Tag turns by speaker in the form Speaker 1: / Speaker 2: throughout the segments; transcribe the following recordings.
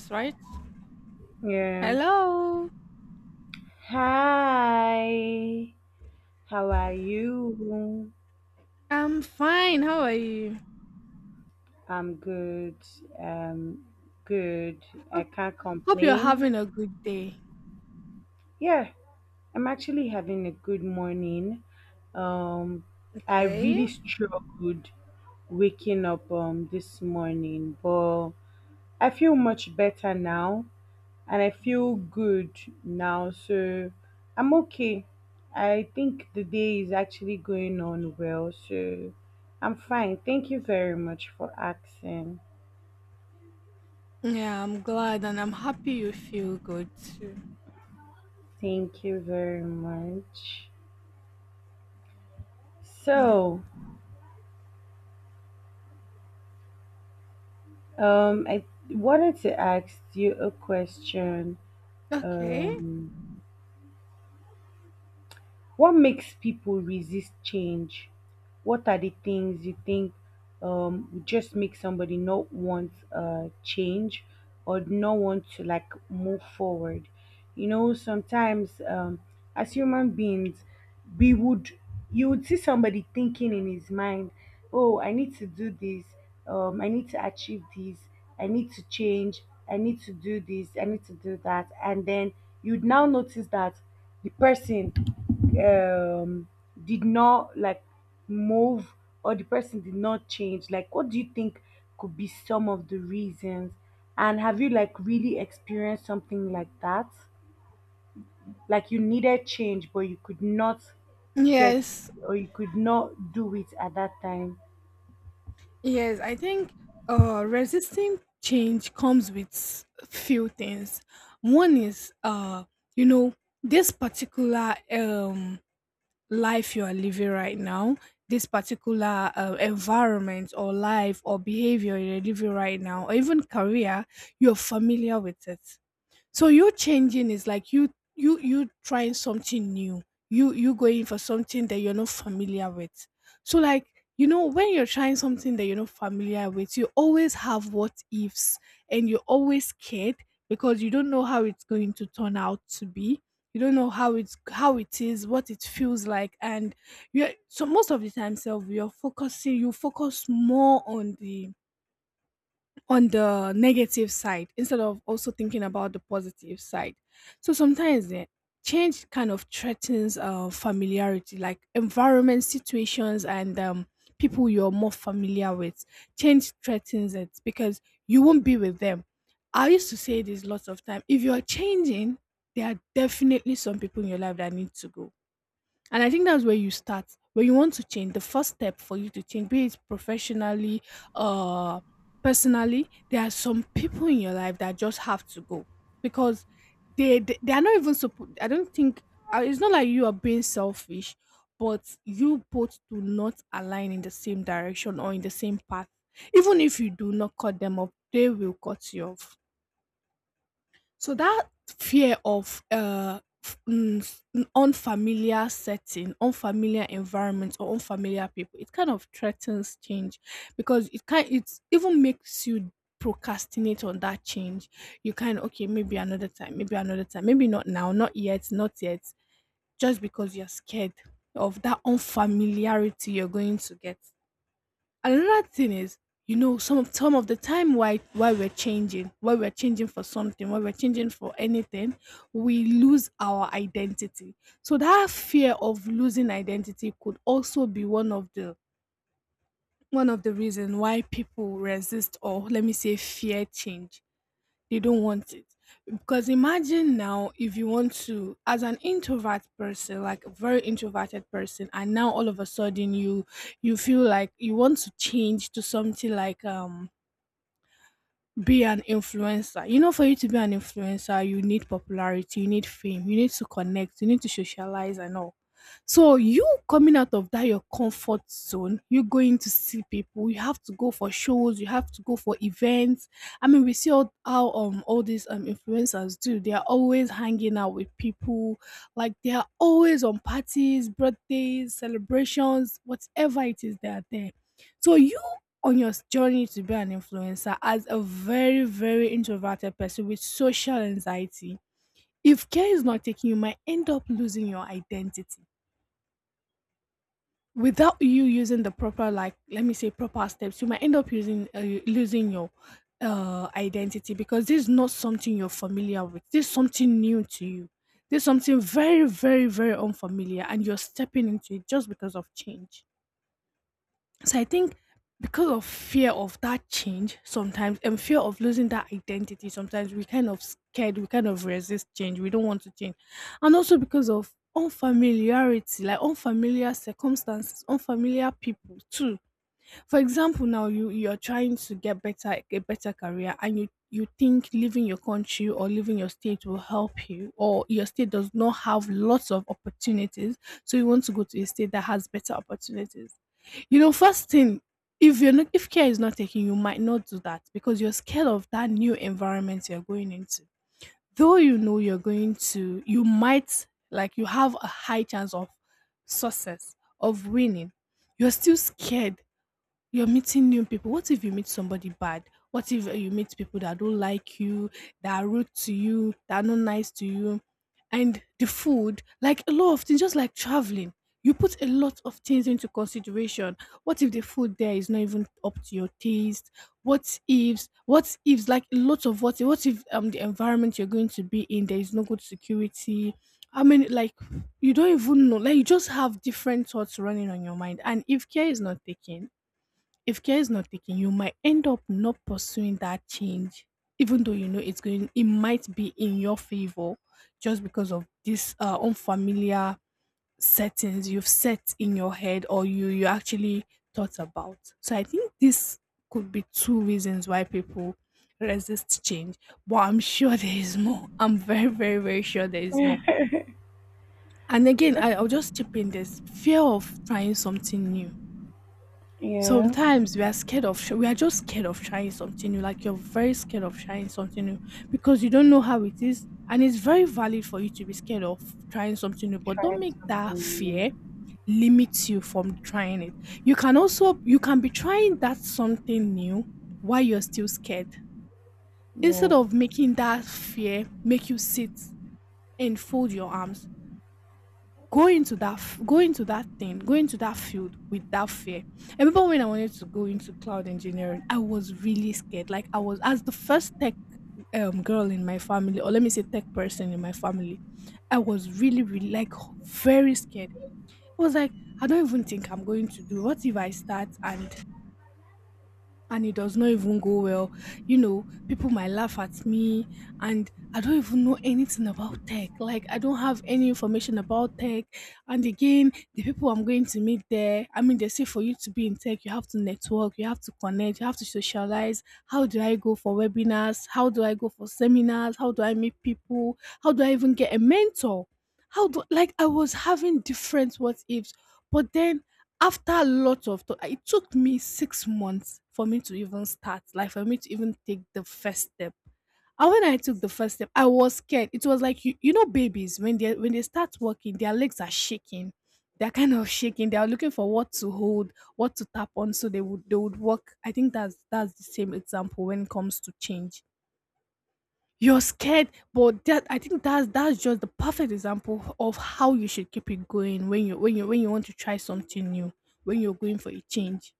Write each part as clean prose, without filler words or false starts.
Speaker 1: Yes, right?
Speaker 2: Yeah.
Speaker 1: Hello.
Speaker 2: Hi. How are you?
Speaker 1: I'm fine. How are you?
Speaker 2: I'm good. Um, Good. I
Speaker 1: Hope
Speaker 2: can't
Speaker 1: hope you're
Speaker 2: complain.
Speaker 1: having a good day.
Speaker 2: Yeah, I'm actually having a good morning. Um, I
Speaker 1: Okay.
Speaker 2: really struggled waking up this morning, but I feel much better now. And I feel good now. So I'm okay. I think the day is actually going on well. So I'm fine. Thank you very much for asking.
Speaker 1: Yeah, I'm glad and I'm happy you feel good too.
Speaker 2: Thank you very much.
Speaker 1: Yeah.
Speaker 2: So, I wanted to ask you a question.
Speaker 1: Okay.
Speaker 2: Um, What makes people resist change? What are the things you think would just make somebody not want change or not want to like move forward? You know, sometimes as human beings, we would you would see somebody thinking in his mind, oh, I need to do this, I need to achieve this, I need to change, I need to do this, I need to do that, and then you'd now notice that the person um, did not like move or the person did not change. Like, what do you think could be some of the reasons? And have you like really experienced something like that? Like you needed change but you could not get,
Speaker 1: Yes.
Speaker 2: or you could not do it at that time.
Speaker 1: Yes, I think resisting change comes with few things. One is you know, this particular life you are living right now, this particular environment or life or behavior you're living right now, or even career, you're familiar with it. So you changing is like you trying something new. You going for something that you're not familiar with. So like, you know, when you're trying something that you're not familiar with, you always have what ifs, and you're always scared because you don't know how it's going to turn out to be. You don't know how it is, what it feels like, and you so most of the time, self, you're focusing. You focus more on the negative side instead of also thinking about the positive side. So sometimes change kind of threatens familiarity, like environment, situations, and people you're more familiar with. Change threatens it because you won't be with them. I used to say this lots of time. If you're changing, there are definitely some people in your life that need to go, and I think that's where you start. When you want to change, the first step for you to change, be it professionally, uh, personally, there are some people in your life that just have to go because they are not even supposed. I don't think it's not like you are being selfish, but you both do not align in the same direction or in the same path. Even if you do not cut them up, they will cut you off, so that fear of unfamiliar setting, unfamiliar environment or unfamiliar people, it kind of threatens change because it even makes you procrastinate on that change. You kind of okay, maybe another time, maybe another time, maybe not now, not yet, not yet, just because you're scared of that unfamiliarity you're going to get. Another thing is, you know, some of the time why we're changing, why we're changing for something, why we're changing for anything, we lose our identity. So that fear of losing identity could also be one of the reason why people resist or let me say fear change. They don't want it because imagine now if you want to, as an introvert person, like a very introverted person, and now all of a sudden you, you feel like you want to change to something like be an influencer. You know, for you to be an influencer, you need popularity, you need fame, you need to connect, you need to socialize and all. So you coming out of that your comfort zone, you going to see people. You have to go for shows. You have to go for events. I mean, we see all, how all these influencers do. They are always hanging out with people. Like they are always on parties, birthdays, celebrations, whatever it is. They are there. So you on your journey to be an influencer as a very, very introverted person with social anxiety, if care is not taken, you might end up losing your identity. Without you using the proper, like, let me say, proper steps, you might end up using losing your identity because this is not something you're familiar with. This is something new to you. This is something very, very, very unfamiliar, and you're stepping into it just because of change. So I think because of fear of that change sometimes, and fear of losing that identity sometimes, we kind of scared, we kind of resist change, we don't want to change. And also because of unfamiliarity, like unfamiliar circumstances, unfamiliar people too. For example, now you, you're trying to get better, a better career, and you think leaving your country or leaving your state will help you, or your state does not have lots of opportunities, so you want to go to a state that has better opportunities. You know, first thing, if you're not, if care is not taken, you might not do that because you're scared of that new environment you're going into. Though you know you're going to, you might like, you have a high chance of success, of winning. You're still scared. You're meeting new people. What if you meet somebody bad? What if you meet people that don't like you, that are rude to you, that are not nice to you? And the food, like a lot of things, just like traveling, you put a lot of things into consideration. What if the food there is not even up to your taste? What if, like a lot of what if the environment you're going to be in, there is no good security? I mean, like, you don't even know, like, you just have different thoughts running on your mind. And if care is not taken, if care is not taken, you might end up not pursuing that change, even though you know it's going, it might be in your favor, just because of this unfamiliar settings you've set in your head or you actually thought about. So I think this could be two reasons why people resist change. But I'm sure there is more. I'm very, very, very sure there is more. And again, I'll just chip in this fear of trying something new.
Speaker 2: Yeah,
Speaker 1: Sometimes we are scared of we are just scared of trying something new, like you're very scared of trying something new because you don't know how it is, and it's very valid for you to be scared of trying something new, but
Speaker 2: try
Speaker 1: don't make that fear
Speaker 2: something
Speaker 1: limit you from trying it. You can also, you can be trying that something new while you're still scared,
Speaker 2: new.
Speaker 1: instead of
Speaker 2: Yeah,
Speaker 1: making that fear make you sit and fold your arms. Go into that go into that thing, go into that field without fear. I remember when I wanted to go into cloud engineering, I was really scared, like I was, as the first tech girl in my family, or let me say tech person in my family, I was really, really like very scared. I was like, I don't even think I'm going to do, what if I start, and it does not even go well. You know, people might laugh at me, and I don't even know anything about tech. Like, I don't have any information about tech. And again, the people I'm going to meet there, I mean, they say for you to be in tech, you have to network, you have to connect, you have to socialize. How do I go for webinars? How do I go for seminars? How do I meet people? How do I even get a mentor? How do, like, I was having different what ifs, but then after a lot of thought, it took me 6 months for me to even start, like, for me to even take the first step. And when I took the first step, I was scared. It was like, you know, babies when they start walking, their legs are shaking. They're kind of shaking. They are looking for what to hold, what to tap on so they would walk. I think that's the same example when it comes to change. You're scared, but that, I think that's just the perfect example of how you should keep it going when you want to try something new, when you're going for a change.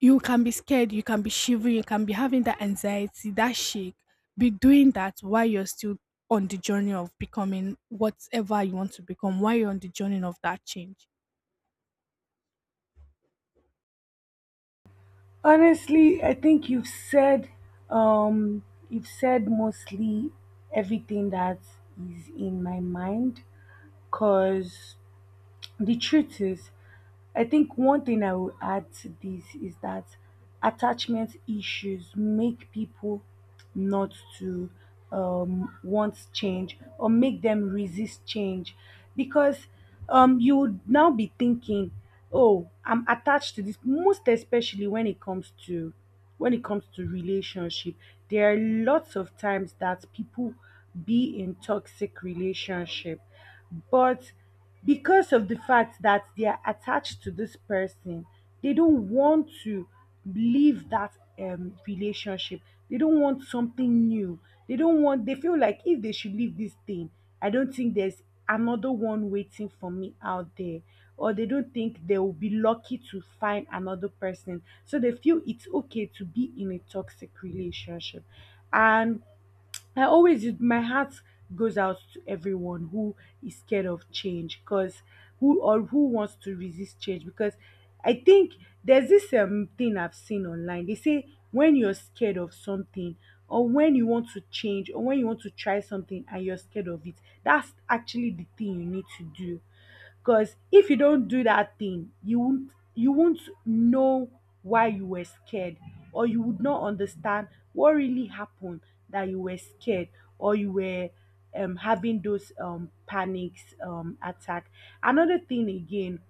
Speaker 1: You can be scared, you can be shivering, you can be having that anxiety, that shake. Be doing that while you're still on the journey of becoming whatever you want to become, while you're on the journey of that change.
Speaker 2: honestly, I think you've said mostly everything that is in my mind, because the truth is, I think one thing I will add to this is that attachment issues make people not to want change or make them resist change, because you would now be thinking, oh, I'm attached to this. Most especially when it comes to, when it comes to relationship, there are lots of times that people be in toxic relationship, but because of the fact that they are attached to this person, they don't want to leave that relationship. They don't want something new. They don't want They feel like if they should leave this thing, I don't think there's another one waiting for me out there, or they don't think they will be lucky to find another person, so they feel it's okay to be in a toxic relationship. And I always, my heart goes out to everyone who is scared of change, because who wants to resist change. Because I think there's this thing I've seen online. They say when you're scared of something or when you want to change or when you want to try something and you're scared of it, that's actually the thing you need to do. Because if you don't do that thing, you won't know why you were scared, or you would not understand what really happened, that you were scared or you were having those panics attack. Another thing again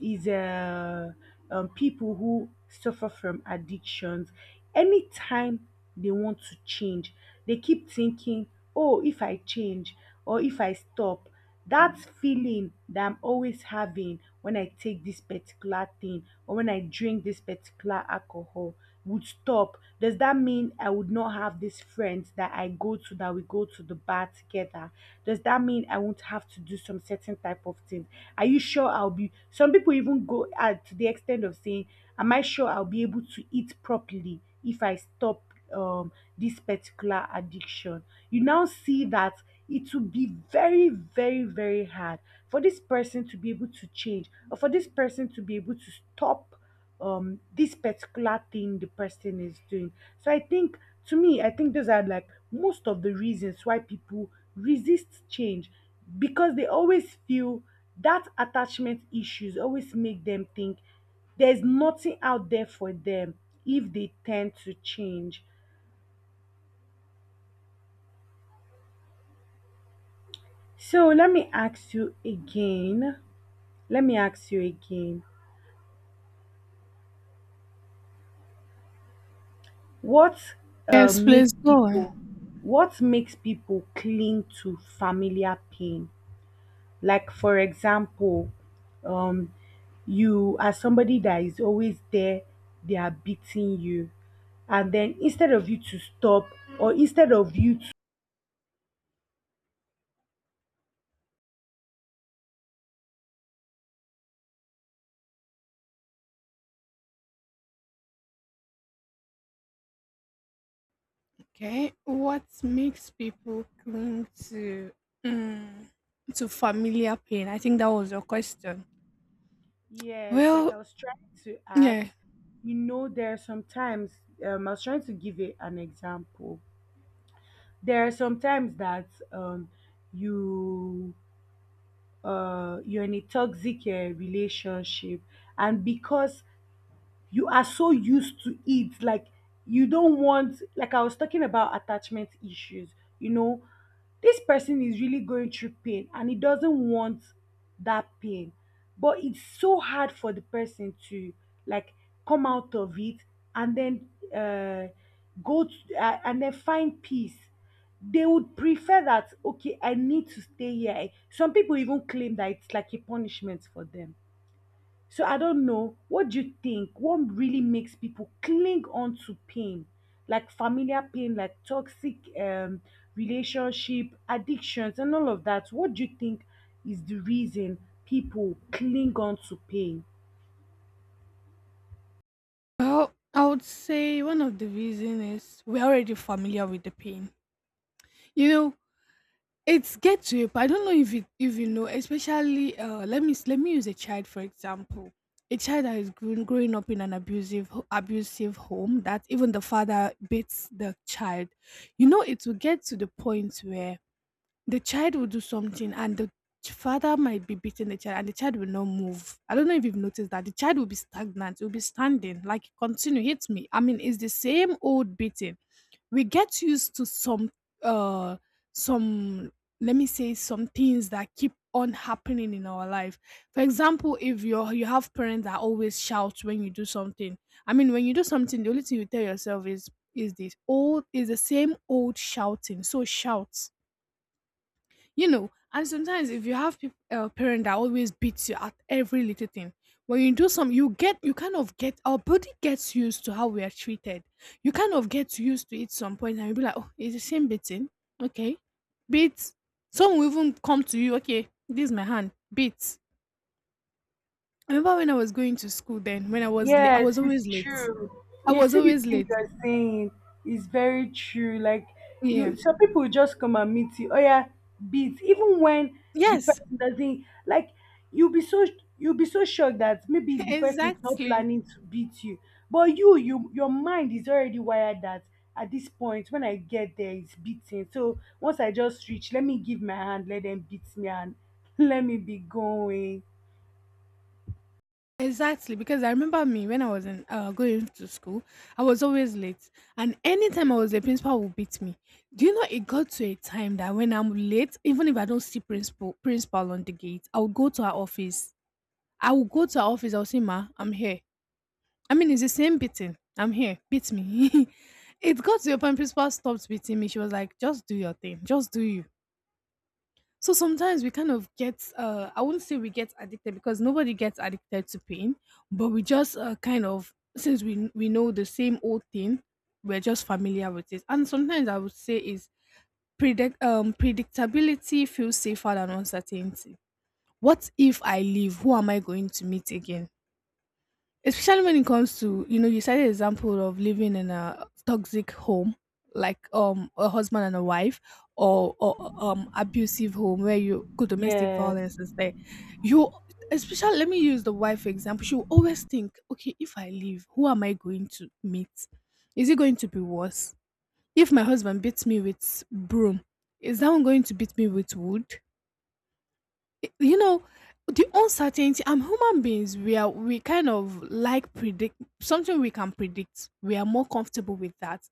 Speaker 2: is people who suffer from addictions. Anytime they want to change, they keep thinking, oh, if I change or if I stop, that feeling that I'm always having when I take this particular thing or when I drink this particular alcohol would stop. Does that mean I would not have these friends that I go to, that we go to the bar together? Does that mean I won't have to do some certain type of things? Are you sure I'll be— some people even go at to the extent of saying, am I sure I'll be able to eat properly if I stop this particular addiction? You now see that it will be very, very, very hard for this person to be able to change, or for this person to be able to stop this particular thing the person is doing. So I think, to me, I think those are like most of the reasons why people resist change, because they always feel that attachment issues always make them think there's nothing out there for them if they tend to change. So let me ask you again. Let me ask you again. What
Speaker 1: Yes,
Speaker 2: makes
Speaker 1: please go on.
Speaker 2: people what makes people cling to familiar pain? Like for example, um, you are somebody that is always there, they are beating you, and then instead of you to stop or instead of you to—
Speaker 1: Okay, what makes people cling to mm, to familiar pain? I think that was your question.
Speaker 2: yes, like
Speaker 1: Well,
Speaker 2: I was trying to add,
Speaker 1: yeah.
Speaker 2: you know, there are sometimes I was trying to give a, an example. There are sometimes that you you're in a toxic relationship, and because you are so used to it, like, you don't want— like I was talking about attachment issues, you know, this person is really going through pain and he doesn't want that pain, but it's so hard for the person to, like, come out of it, and then uh go to, and then find peace. They would prefer that, okay, I need to stay here. Some people even claim that it's like a punishment for them. So I don't know. What do you think? What really makes people cling on to pain, like familiar pain, like toxic relationship, addictions, and all of that? What do you think is the reason people cling on to pain?
Speaker 1: Well, I would say one of the reason is we're already familiar with the pain. You know, it's get to it, but I don't know if you, if you know, especially let me let me use a child for example. A child that is grown, growing up in an abusive abusive home that even the father beats the child. You know, it will get to the point where the child will do something, and the father might be beating the child, and the child will not move. I don't know if you've noticed that the child will be stagnant, will be standing, like, continue, hit me. I mean, it's the same old beating. We get used to some uh some, let me say, some things that keep on happening in our life. For example, if you have parents that always shout when you do something. I mean, when you do something, the only thing you tell yourself is this old is the same old shouting. So shout, you know. And sometimes if you have people a parent that always beats you at every little thing, when you do some you get you kind of get our body gets used to how we are treated. You kind of get used to it some point and you'll be like, oh, it's the same beating. Okay, beat. Some will even come to you, okay, this is my hand, beat. I remember when I was going to school, then when I was late, I
Speaker 2: Yes,
Speaker 1: was
Speaker 2: it's
Speaker 1: always late.
Speaker 2: true.
Speaker 1: i
Speaker 2: You
Speaker 1: was
Speaker 2: see, this
Speaker 1: always
Speaker 2: thing
Speaker 1: late
Speaker 2: you're saying is very true. Like,
Speaker 1: Yeah.
Speaker 2: you— some people will just come and meet you. Oh yeah, beat. Even when the
Speaker 1: Yes.
Speaker 2: person doesn't, like, you'll be so— you'll be so shocked that maybe the person is not
Speaker 1: Exactly.
Speaker 2: planning to beat you, but your mind is already wired that at this point, when I get there, it's beating. So once I just reach, let me give my hand, let them beat me, and let me be going.
Speaker 1: Exactly, because I remember me when I was in going to school, I was always late, and anytime I was late, principal would beat me. Do you know it got to a time that when I'm late, even if I don't see principal on the gate, I would go to her office. I would go to her office. I'll say, "Ma, I'm here." I mean, it's the same beating. I'm here. Beat me. It got to a point principal stopped beating me. She was like, "Just do your thing. Just do you." So sometimes we kind of get, I wouldn't say we get addicted because nobody gets addicted to pain, but we just kind of, since we know the same old thing, we're just familiar with it. And sometimes I would say is predictability feels safer than uncertainty. What if I leave? Who am I going to meet again? Especially when it comes to, you know, you cited the example of living in a toxic home, like a husband and a wife, or abusive home where you could, domestic
Speaker 2: Yes,
Speaker 1: violence is there. You Especially, let me use the wife for example. She will always think, okay, if I leave, who am I going to meet? Is it going to be worse? If my husband beats me with broom, is that one going to beat me with wood? You know, the uncertainty. I'm Human beings, we kind of like predict something we can predict. We are more comfortable with that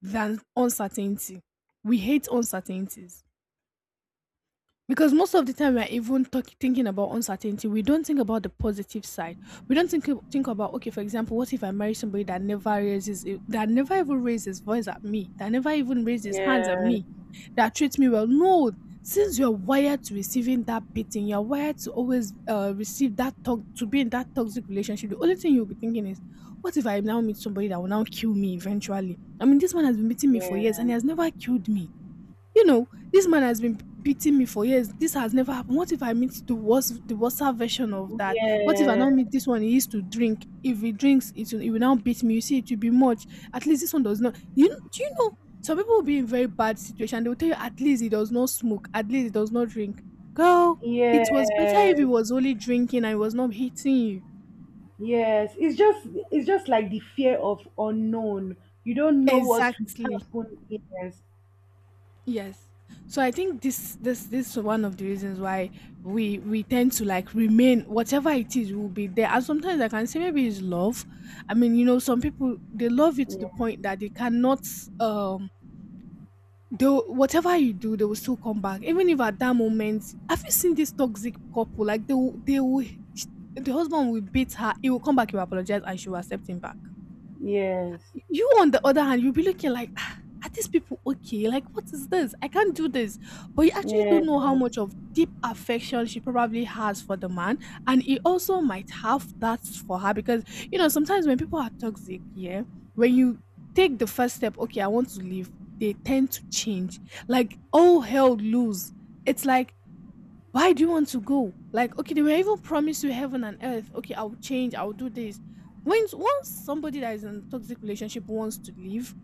Speaker 1: than uncertainty. We hate uncertainties because most of the time we are even thinking about uncertainty, we don't think about the positive side. We don't think about, okay, for example, what if I marry somebody that never even raises voice at me, that never even raises hands at
Speaker 2: yes,
Speaker 1: me, that treats me well. No, since you're wired to receiving that beating, you're wired to always receive that talk, to be in that toxic relationship. The only thing you'll be thinking is, what if I now meet somebody that will now kill me eventually? I mean, this man has been meeting me for years and
Speaker 2: yes.
Speaker 1: he has never killed me. You know, this man has been beating me for years. This has never happened. What if I meet the worst version of that? What if I
Speaker 2: Yeah,
Speaker 1: don't meet this one? He used to drink. If he drinks, it will now beat me. You see, it will be much. At least this one does not. You kn- do you know? Some people will be in very bad situation. They will tell you at least he does not smoke. At least he does not drink. Girl, it was better
Speaker 2: yes,
Speaker 1: if he was only drinking and he was not hitting you.
Speaker 2: yes. It's just— it's just like the fear of unknown. You don't know what
Speaker 1: Exactly.
Speaker 2: will happen. Yes,
Speaker 1: Yes. So I think this is one of the reasons why we tend to like remain, whatever it is will be there. And sometimes I can say maybe it's love. I mean, you know, some people they love you to the point that they cannot um they, whatever you do, they will still come back. Even if at that moment, have you seen this toxic couple? Like the husband will beat her, he will come back, he will apologize, and she will accept him back.
Speaker 2: yes,
Speaker 1: You, on the other hand, you'll be looking like, "Ah, are these people okay? Like, what is this? I can't do this." But you actually don't
Speaker 2: yes,
Speaker 1: know how
Speaker 2: yes,
Speaker 1: much of deep affection she probably has for the man. And he also might have that for her because, you know, sometimes when people are toxic, yeah, when you take the first step, okay, I want to leave, they tend to change. Like, all hell loose. It's like, why do you want to go? Like, okay, they were even promised you heaven and earth. Okay, I'll change, I'll do this. When once somebody that is in a toxic relationship wants to leave,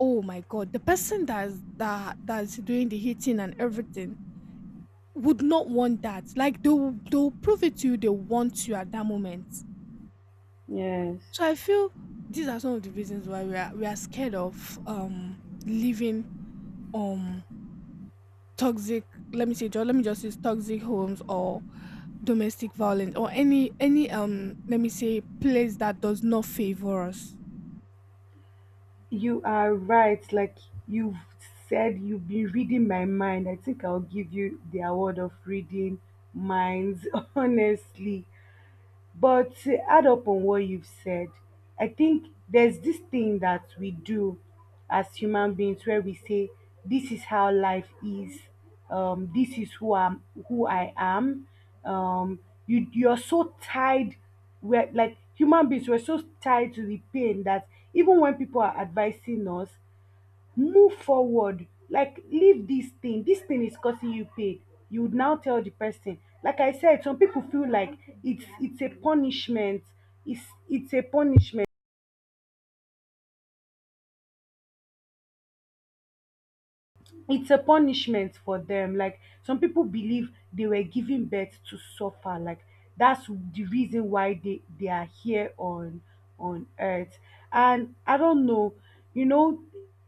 Speaker 1: oh my god, the person that's doing the hitting and everything would not want that. Like they'll prove it to you, they want you at that moment.
Speaker 2: yes.
Speaker 1: So I feel these are some of the reasons why we are scared of leaving, um toxic, let me just use toxic homes or domestic violence or any let me say, place that does not favor us.
Speaker 2: You are right. Like you've said, you've been reading my mind. I think I'll give you the award of reading minds, honestly. But to add up on what you've said, I think there's this thing that we do as human beings where we say, "This is how life is. This is who I'm, who I am." Um, you you're so tied, we're like human beings. We're so tied to the pain that even when people are advising us, move forward, like, leave dis thing, dis thing is causing you pain, you would now tell the person, like I said, some people feel like it's it's it's a punishment. It's a punishment for them. Like some people believe they were giving birth to suffer. Like that's the reason why they are here on earth. And I don't know, you know,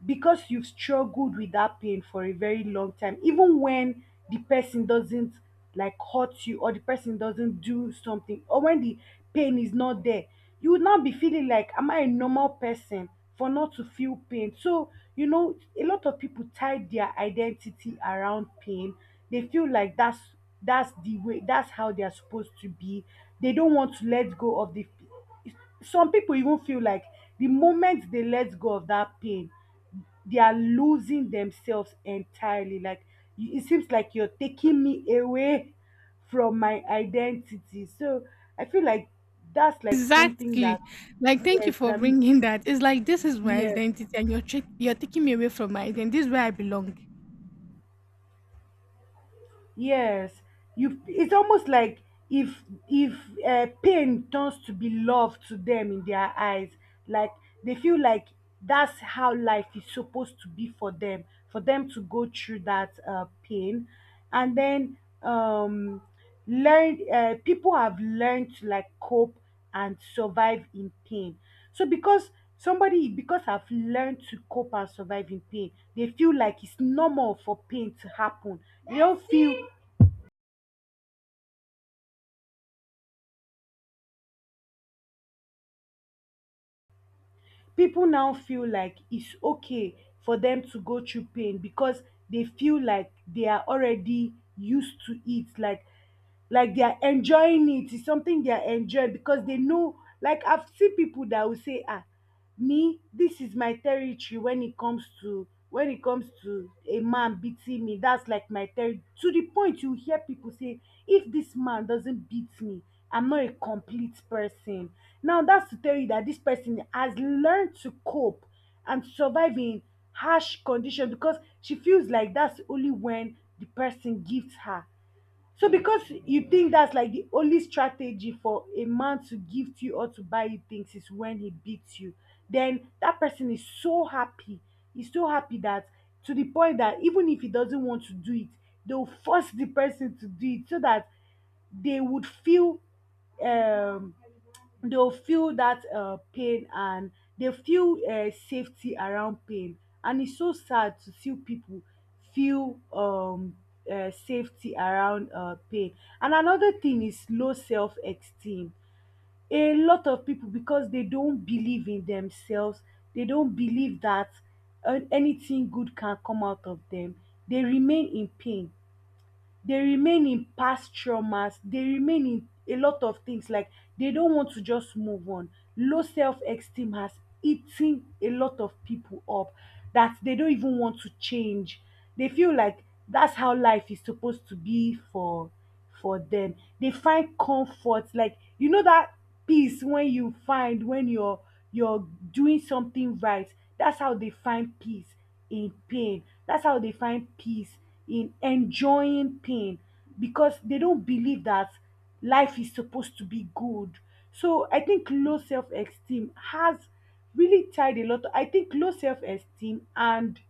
Speaker 2: because you've struggled with that pain for a very long time, even when the person doesn't, like, hurt you, or the person doesn't do something, or when the pain is not there, you would not be feeling like, am I a normal person for not to feel pain? So, you know, a lot of people tie their identity around pain. They feel like that's the way, that's how they're supposed to be. They don't want to let go of the— some people even feel like the moment they let go of that pain, they are losing themselves entirely. Like, you— it seems like you're taking me away from my identity. So I feel like that's like something that—
Speaker 1: Exactly. Like, thank you
Speaker 2: yes,
Speaker 1: for
Speaker 2: that
Speaker 1: bringing that. It's like this is my
Speaker 2: yes
Speaker 1: identity, and you're tra- you're taking me away from my identity. This is where I belong.
Speaker 2: Yes, you. It's almost like if pain turns to be love to them in their eyes, like, they feel like that's how life is supposed to be for them to go through that pain, and then um, learn. People have learned to like cope and survive in pain. So because somebody— because I've learned to cope and survive in pain, they feel like it's normal for pain to happen. Dey don feel— people now feel like it's okay for them to go through pain because they feel like they are already used to it, like they are enjoying it. It's something they are enjoying because they know. Like I've seen people that will say, "Ah, me, this is my territory." When it comes to— when it comes to a man beating me, that's like my territory. To the point you hear people say, "If this man doesn't beat me, I'm not a complete person." Now that's to tell you that this person has learned to cope and survive in harsh condition, because she feels like that's only when the person gives her— so because you think that's like the only strategy for a man to gift you or to buy you things is when he beats you, then that person is so happy. He's so happy that to the point that even if he doesn't want to do it, they'll force the person to do it so that they would feel um, they'll feel that pain, and they feel safety around pain. And it's so sad to see people feel safety around pain. And another thing is low self-esteem. A lot of people, because they don't believe in themselves, they don't believe that anything good can come out of them. They remain in pain, they remain in past traumas, they remain in a lot of things. Like, they don't want to just move on. Low self-esteem has eaten a lot of people up, that they don't even want to change. They feel like that's how life is supposed to be for them. They find comfort, like, you know that peace when you find when you're doing something right. That's how they find peace in pain. That's how they find peace in enjoying pain because they don't believe that life is supposed to be good. So I think low self-esteem has really tied a lot. I think low self-esteem and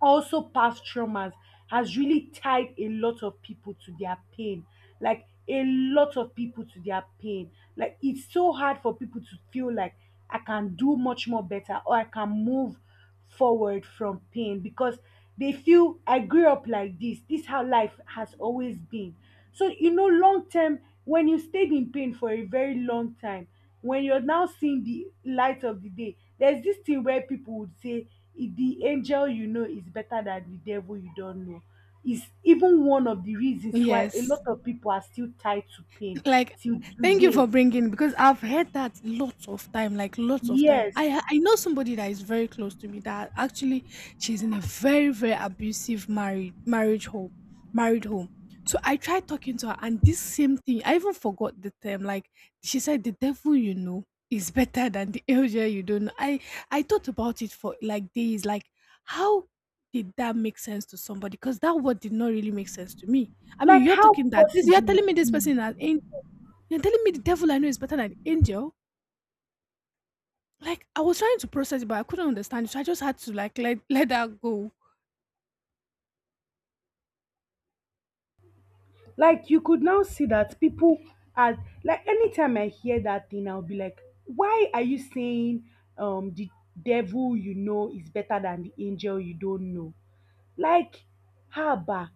Speaker 2: also past traumas has really tied a lot of people to their pain. Like, a lot of people to their pain. Like, it's so hard for people to feel like I can do much more better, or I can move forward from pain, because they feel I grew up like this. This how life has always been. So, you know, long term, when you stayed in pain for a very long time, when you're now seeing the light of the day, there's this thing where people would say, "If the angel you know is better than the devil you don't know." Is even one of the reasons why a
Speaker 1: Yes.
Speaker 2: lot of people are still tied to pain
Speaker 1: Like,
Speaker 2: till
Speaker 1: thank you for
Speaker 2: today.
Speaker 1: bringing, because I've heard that lots of time, like lots of time. I
Speaker 2: Yes.
Speaker 1: ha- I know somebody that is very close to me that actually, she's in a very very abusive marriage home, married home. So I tried talking to her, and this same thing. I even forgot the term. Like she said, the devil you know is better than the angel you don't know. I thought about it for like days. Like how did that make sense to somebody? Because that word did not really make sense to me. I mean,
Speaker 2: Like,
Speaker 1: you're
Speaker 2: how
Speaker 1: talking that this. You're
Speaker 2: possible
Speaker 1: telling me
Speaker 2: it
Speaker 1: this person
Speaker 2: is.
Speaker 1: is an angel, you're telling me the devil I know is better than the angel? Like I was trying to process it, but I couldn't understand it, so I just had to like let that go.
Speaker 2: Like, you could now see that people are, like, anytime I hear that thing, I'll be like, why are you saying the devil you know is better than the angel you don't know? Like, haba.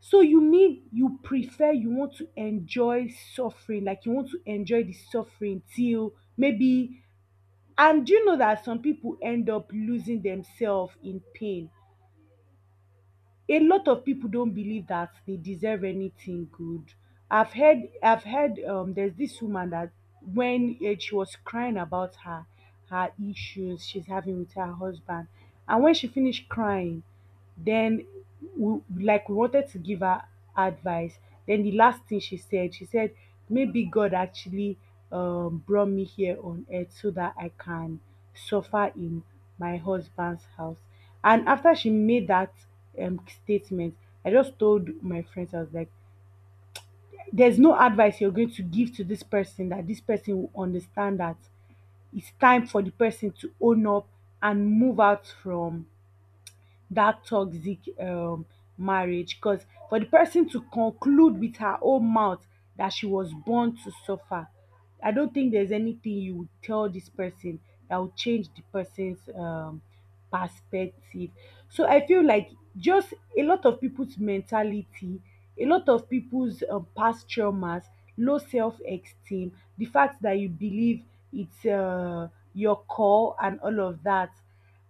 Speaker 2: So you mean you prefer, you want to enjoy suffering, like you want to enjoy the suffering till maybe. And do you know that some people end up losing themselves in pain? A lot of people don't believe that they deserve anything good. I've heard. There's this woman that when she was crying about her issues she's having with her husband, and when she finished crying, then we wanted to give her advice. Then the last thing she said, maybe God actually brought me here on earth so that I can suffer in my husband's house. And after she made that statement, I just told my friends, I was like, there's no advice you're going to give to this person that this person will understand that it's time for the person to own up and move out from that toxic marriage, because for the person to conclude with her own mouth that she was born to suffer, I don't think there's anything you would tell this person that would change the person's perspective. So I feel like just a lot of people's mentality, a lot of people's past traumas, low self-esteem, the fact that you believe it's your call and all of that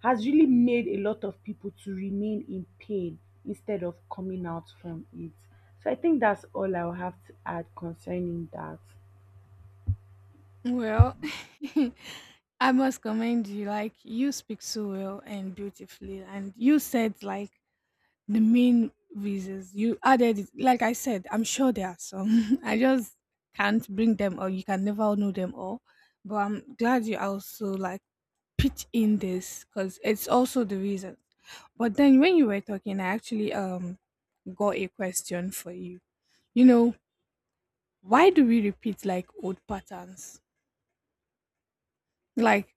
Speaker 2: has really made a lot of people to remain in pain instead of coming out from it. So I think that's all I'll have to add concerning that.
Speaker 1: Well, I must commend you. Like you speak so well and beautifully, and you said like the main reasons you added. It. Like I said, I'm sure there are some. I just can't bring them, all. You can never know them all. But I'm glad you also like pitch in this because it's also the reason. But then when you were talking, I actually got a question for you. You know, why do we repeat like old patterns? Like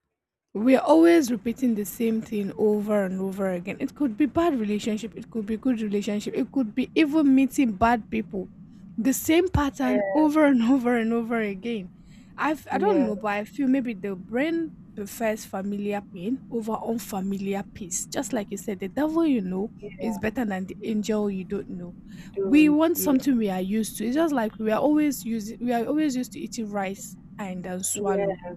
Speaker 1: we're always repeating the same thing over and over again. It could be bad relationship, it could be good relationship, it could be even meeting bad people. The same pattern
Speaker 2: Yeah,
Speaker 1: over and over and over again. I don't
Speaker 2: yeah,
Speaker 1: know, but I feel maybe the brain prefers familiar pain over unfamiliar peace. Just like you said, the devil you know is
Speaker 2: yeah,
Speaker 1: better than the angel you don't know.
Speaker 2: you
Speaker 1: We
Speaker 2: don't.
Speaker 1: want
Speaker 2: Yeah,
Speaker 1: something we are used to. It's just like we are always used to eating rice and swallow.
Speaker 2: yeah.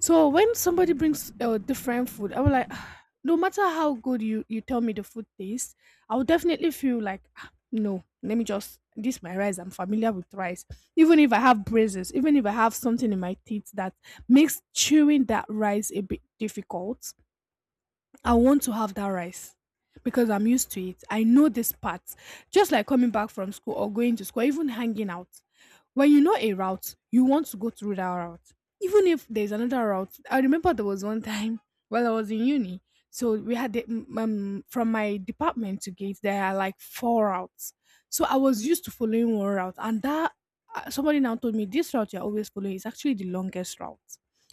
Speaker 1: So when somebody brings different food, I will like, "Ah, no matter how good you tell me the food tastes, I will definitely feel like, "Ah, no, let me just this my rice. I'm familiar with rice." Even if I have braces, even if I have something in my teeth that makes chewing that rice a bit difficult, I want to have that rice. Because I'm used to it. I know this part. Just like coming back from school or going to school, even hanging out, when you know a route, you want to go through that route. Even if there's another route, I remember there was one time while I was in uni. So we had the, mm, from my department to gate, there are like four routes. So I was used to following one route, and that, somebody now told me this route you're always following is actually the longest route.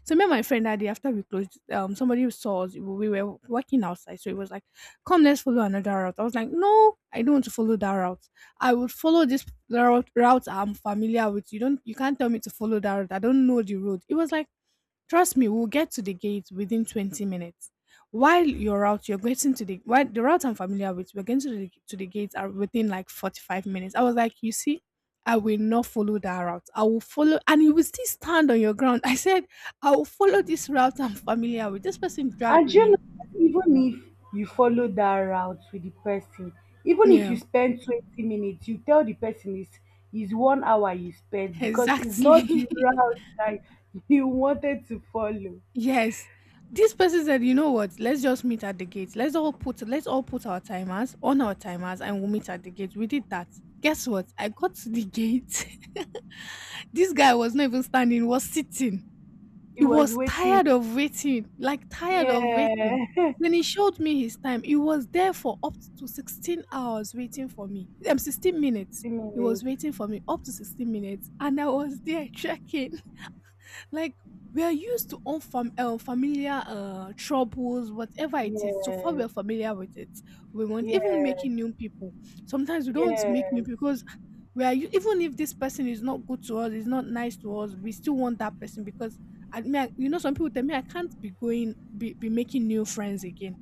Speaker 1: So me and my friend that day after we closed, somebody saw us. We were walking outside, so it was like, "Come, let's follow another route." I was like, "No, I don't want to follow that route. I would follow this route I'm familiar with. You can't tell me to follow that route. I don't know the road." It was like, "Trust me, we'll get to the gate within 20 minutes. While your route, you're getting to the, while the route I'm familiar with, we're getting to the gate are within like 45 minutes." I was like, you see, I will not follow that route. I will follow, and you will still stand on your ground. I said, I will follow this route I'm familiar with. This person dragged
Speaker 2: And
Speaker 1: with
Speaker 2: you
Speaker 1: me.
Speaker 2: know, even if you follow that route with the person, even if
Speaker 1: Yeah.
Speaker 2: you spend 20 minutes, you tell the person it's 1 hour you spent because it's not the
Speaker 1: Exactly.
Speaker 2: route that you wanted to follow.
Speaker 1: Yes. This person said, you know what? Let's just meet at the gate. Let's all put our timers on our timers and we'll meet at the gate. We did that. Guess what? I got to the gate. This guy was not even standing, he was sitting.
Speaker 2: It
Speaker 1: He
Speaker 2: was
Speaker 1: was tired
Speaker 2: waiting.
Speaker 1: of waiting, like tired of
Speaker 2: Yeah,
Speaker 1: waiting. Then he showed me his time. He was there for up to 16 hours waiting for me. 16 minutes.
Speaker 2: 15
Speaker 1: He was
Speaker 2: minutes.
Speaker 1: waiting for me up to 16 minutes. And I was there checking. Like we are used to unfam- familiar troubles, whatever it is. So far, we
Speaker 2: Yes,
Speaker 1: are familiar with it. We want even
Speaker 2: yes,
Speaker 1: making new people. Sometimes we don't make new
Speaker 2: yes,
Speaker 1: people because we are u- even if this person is not good to us, is not nice to us, we still want that person because. I mean, I- you know, some people tell me I can't be be making new friends again.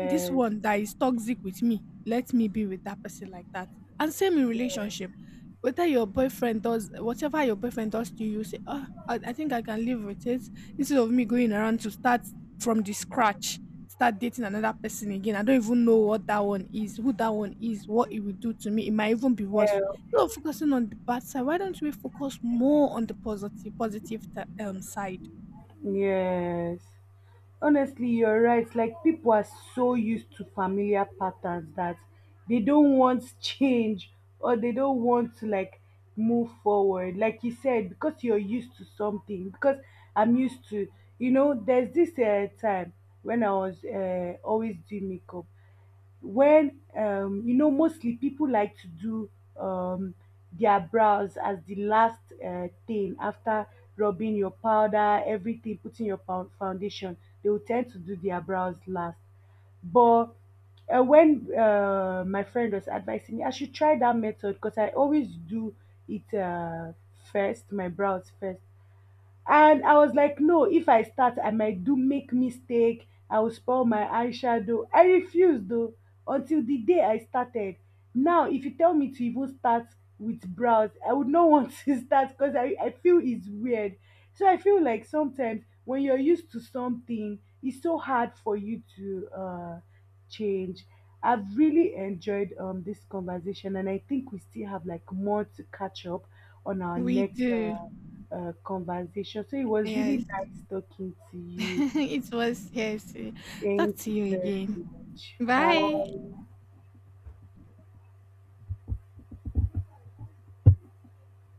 Speaker 1: This one that is toxic with me, let me be with that person like that. And same in relationship,
Speaker 2: yes,
Speaker 1: whether your boyfriend does, whatever your boyfriend does to you, say, oh, I think I can live with it, instead of me going around to start from the scratch, start dating another person again. I don't even know what that one is, who that one is, what it will do to me. It might even be worse.
Speaker 2: help,
Speaker 1: Instead of focusing on the bad side, why don't we focus more on the positive side?
Speaker 2: yes. Honestly, you're right. Like, people are so used to familiar patterns that they don't want change, or they don't want to, like, move forward. Like you said, because you're used to something, because I'm used to, you know, there's this time when I was always doing makeup. When you know, mostly people like to do um, their brows as the last thing. After rubbing your powder, everything, putting your pound foundation, they will tend to do their brows last. But when my friend was advising me, I should try that method, because I always do it first, my brows first. And I was like, no, if I start, I might do make mistake. I will spoil my eyeshadow. I refused though, until the day I started. Now, if you tell me to even start with brows, I would not want to start because I feel it's weird. So I feel like sometimes when you're used to something, it's so hard for you to change. I've really enjoyed this conversation, and I think we still have like more to catch up on our
Speaker 1: We
Speaker 2: next
Speaker 1: do.
Speaker 2: conversation. So it was really
Speaker 1: Yes.
Speaker 2: nice talking to you.
Speaker 1: It was, yes. Eh, talk
Speaker 2: Thank
Speaker 1: to
Speaker 2: you
Speaker 1: you
Speaker 2: very
Speaker 1: again.
Speaker 2: much. Bye.
Speaker 1: Bye.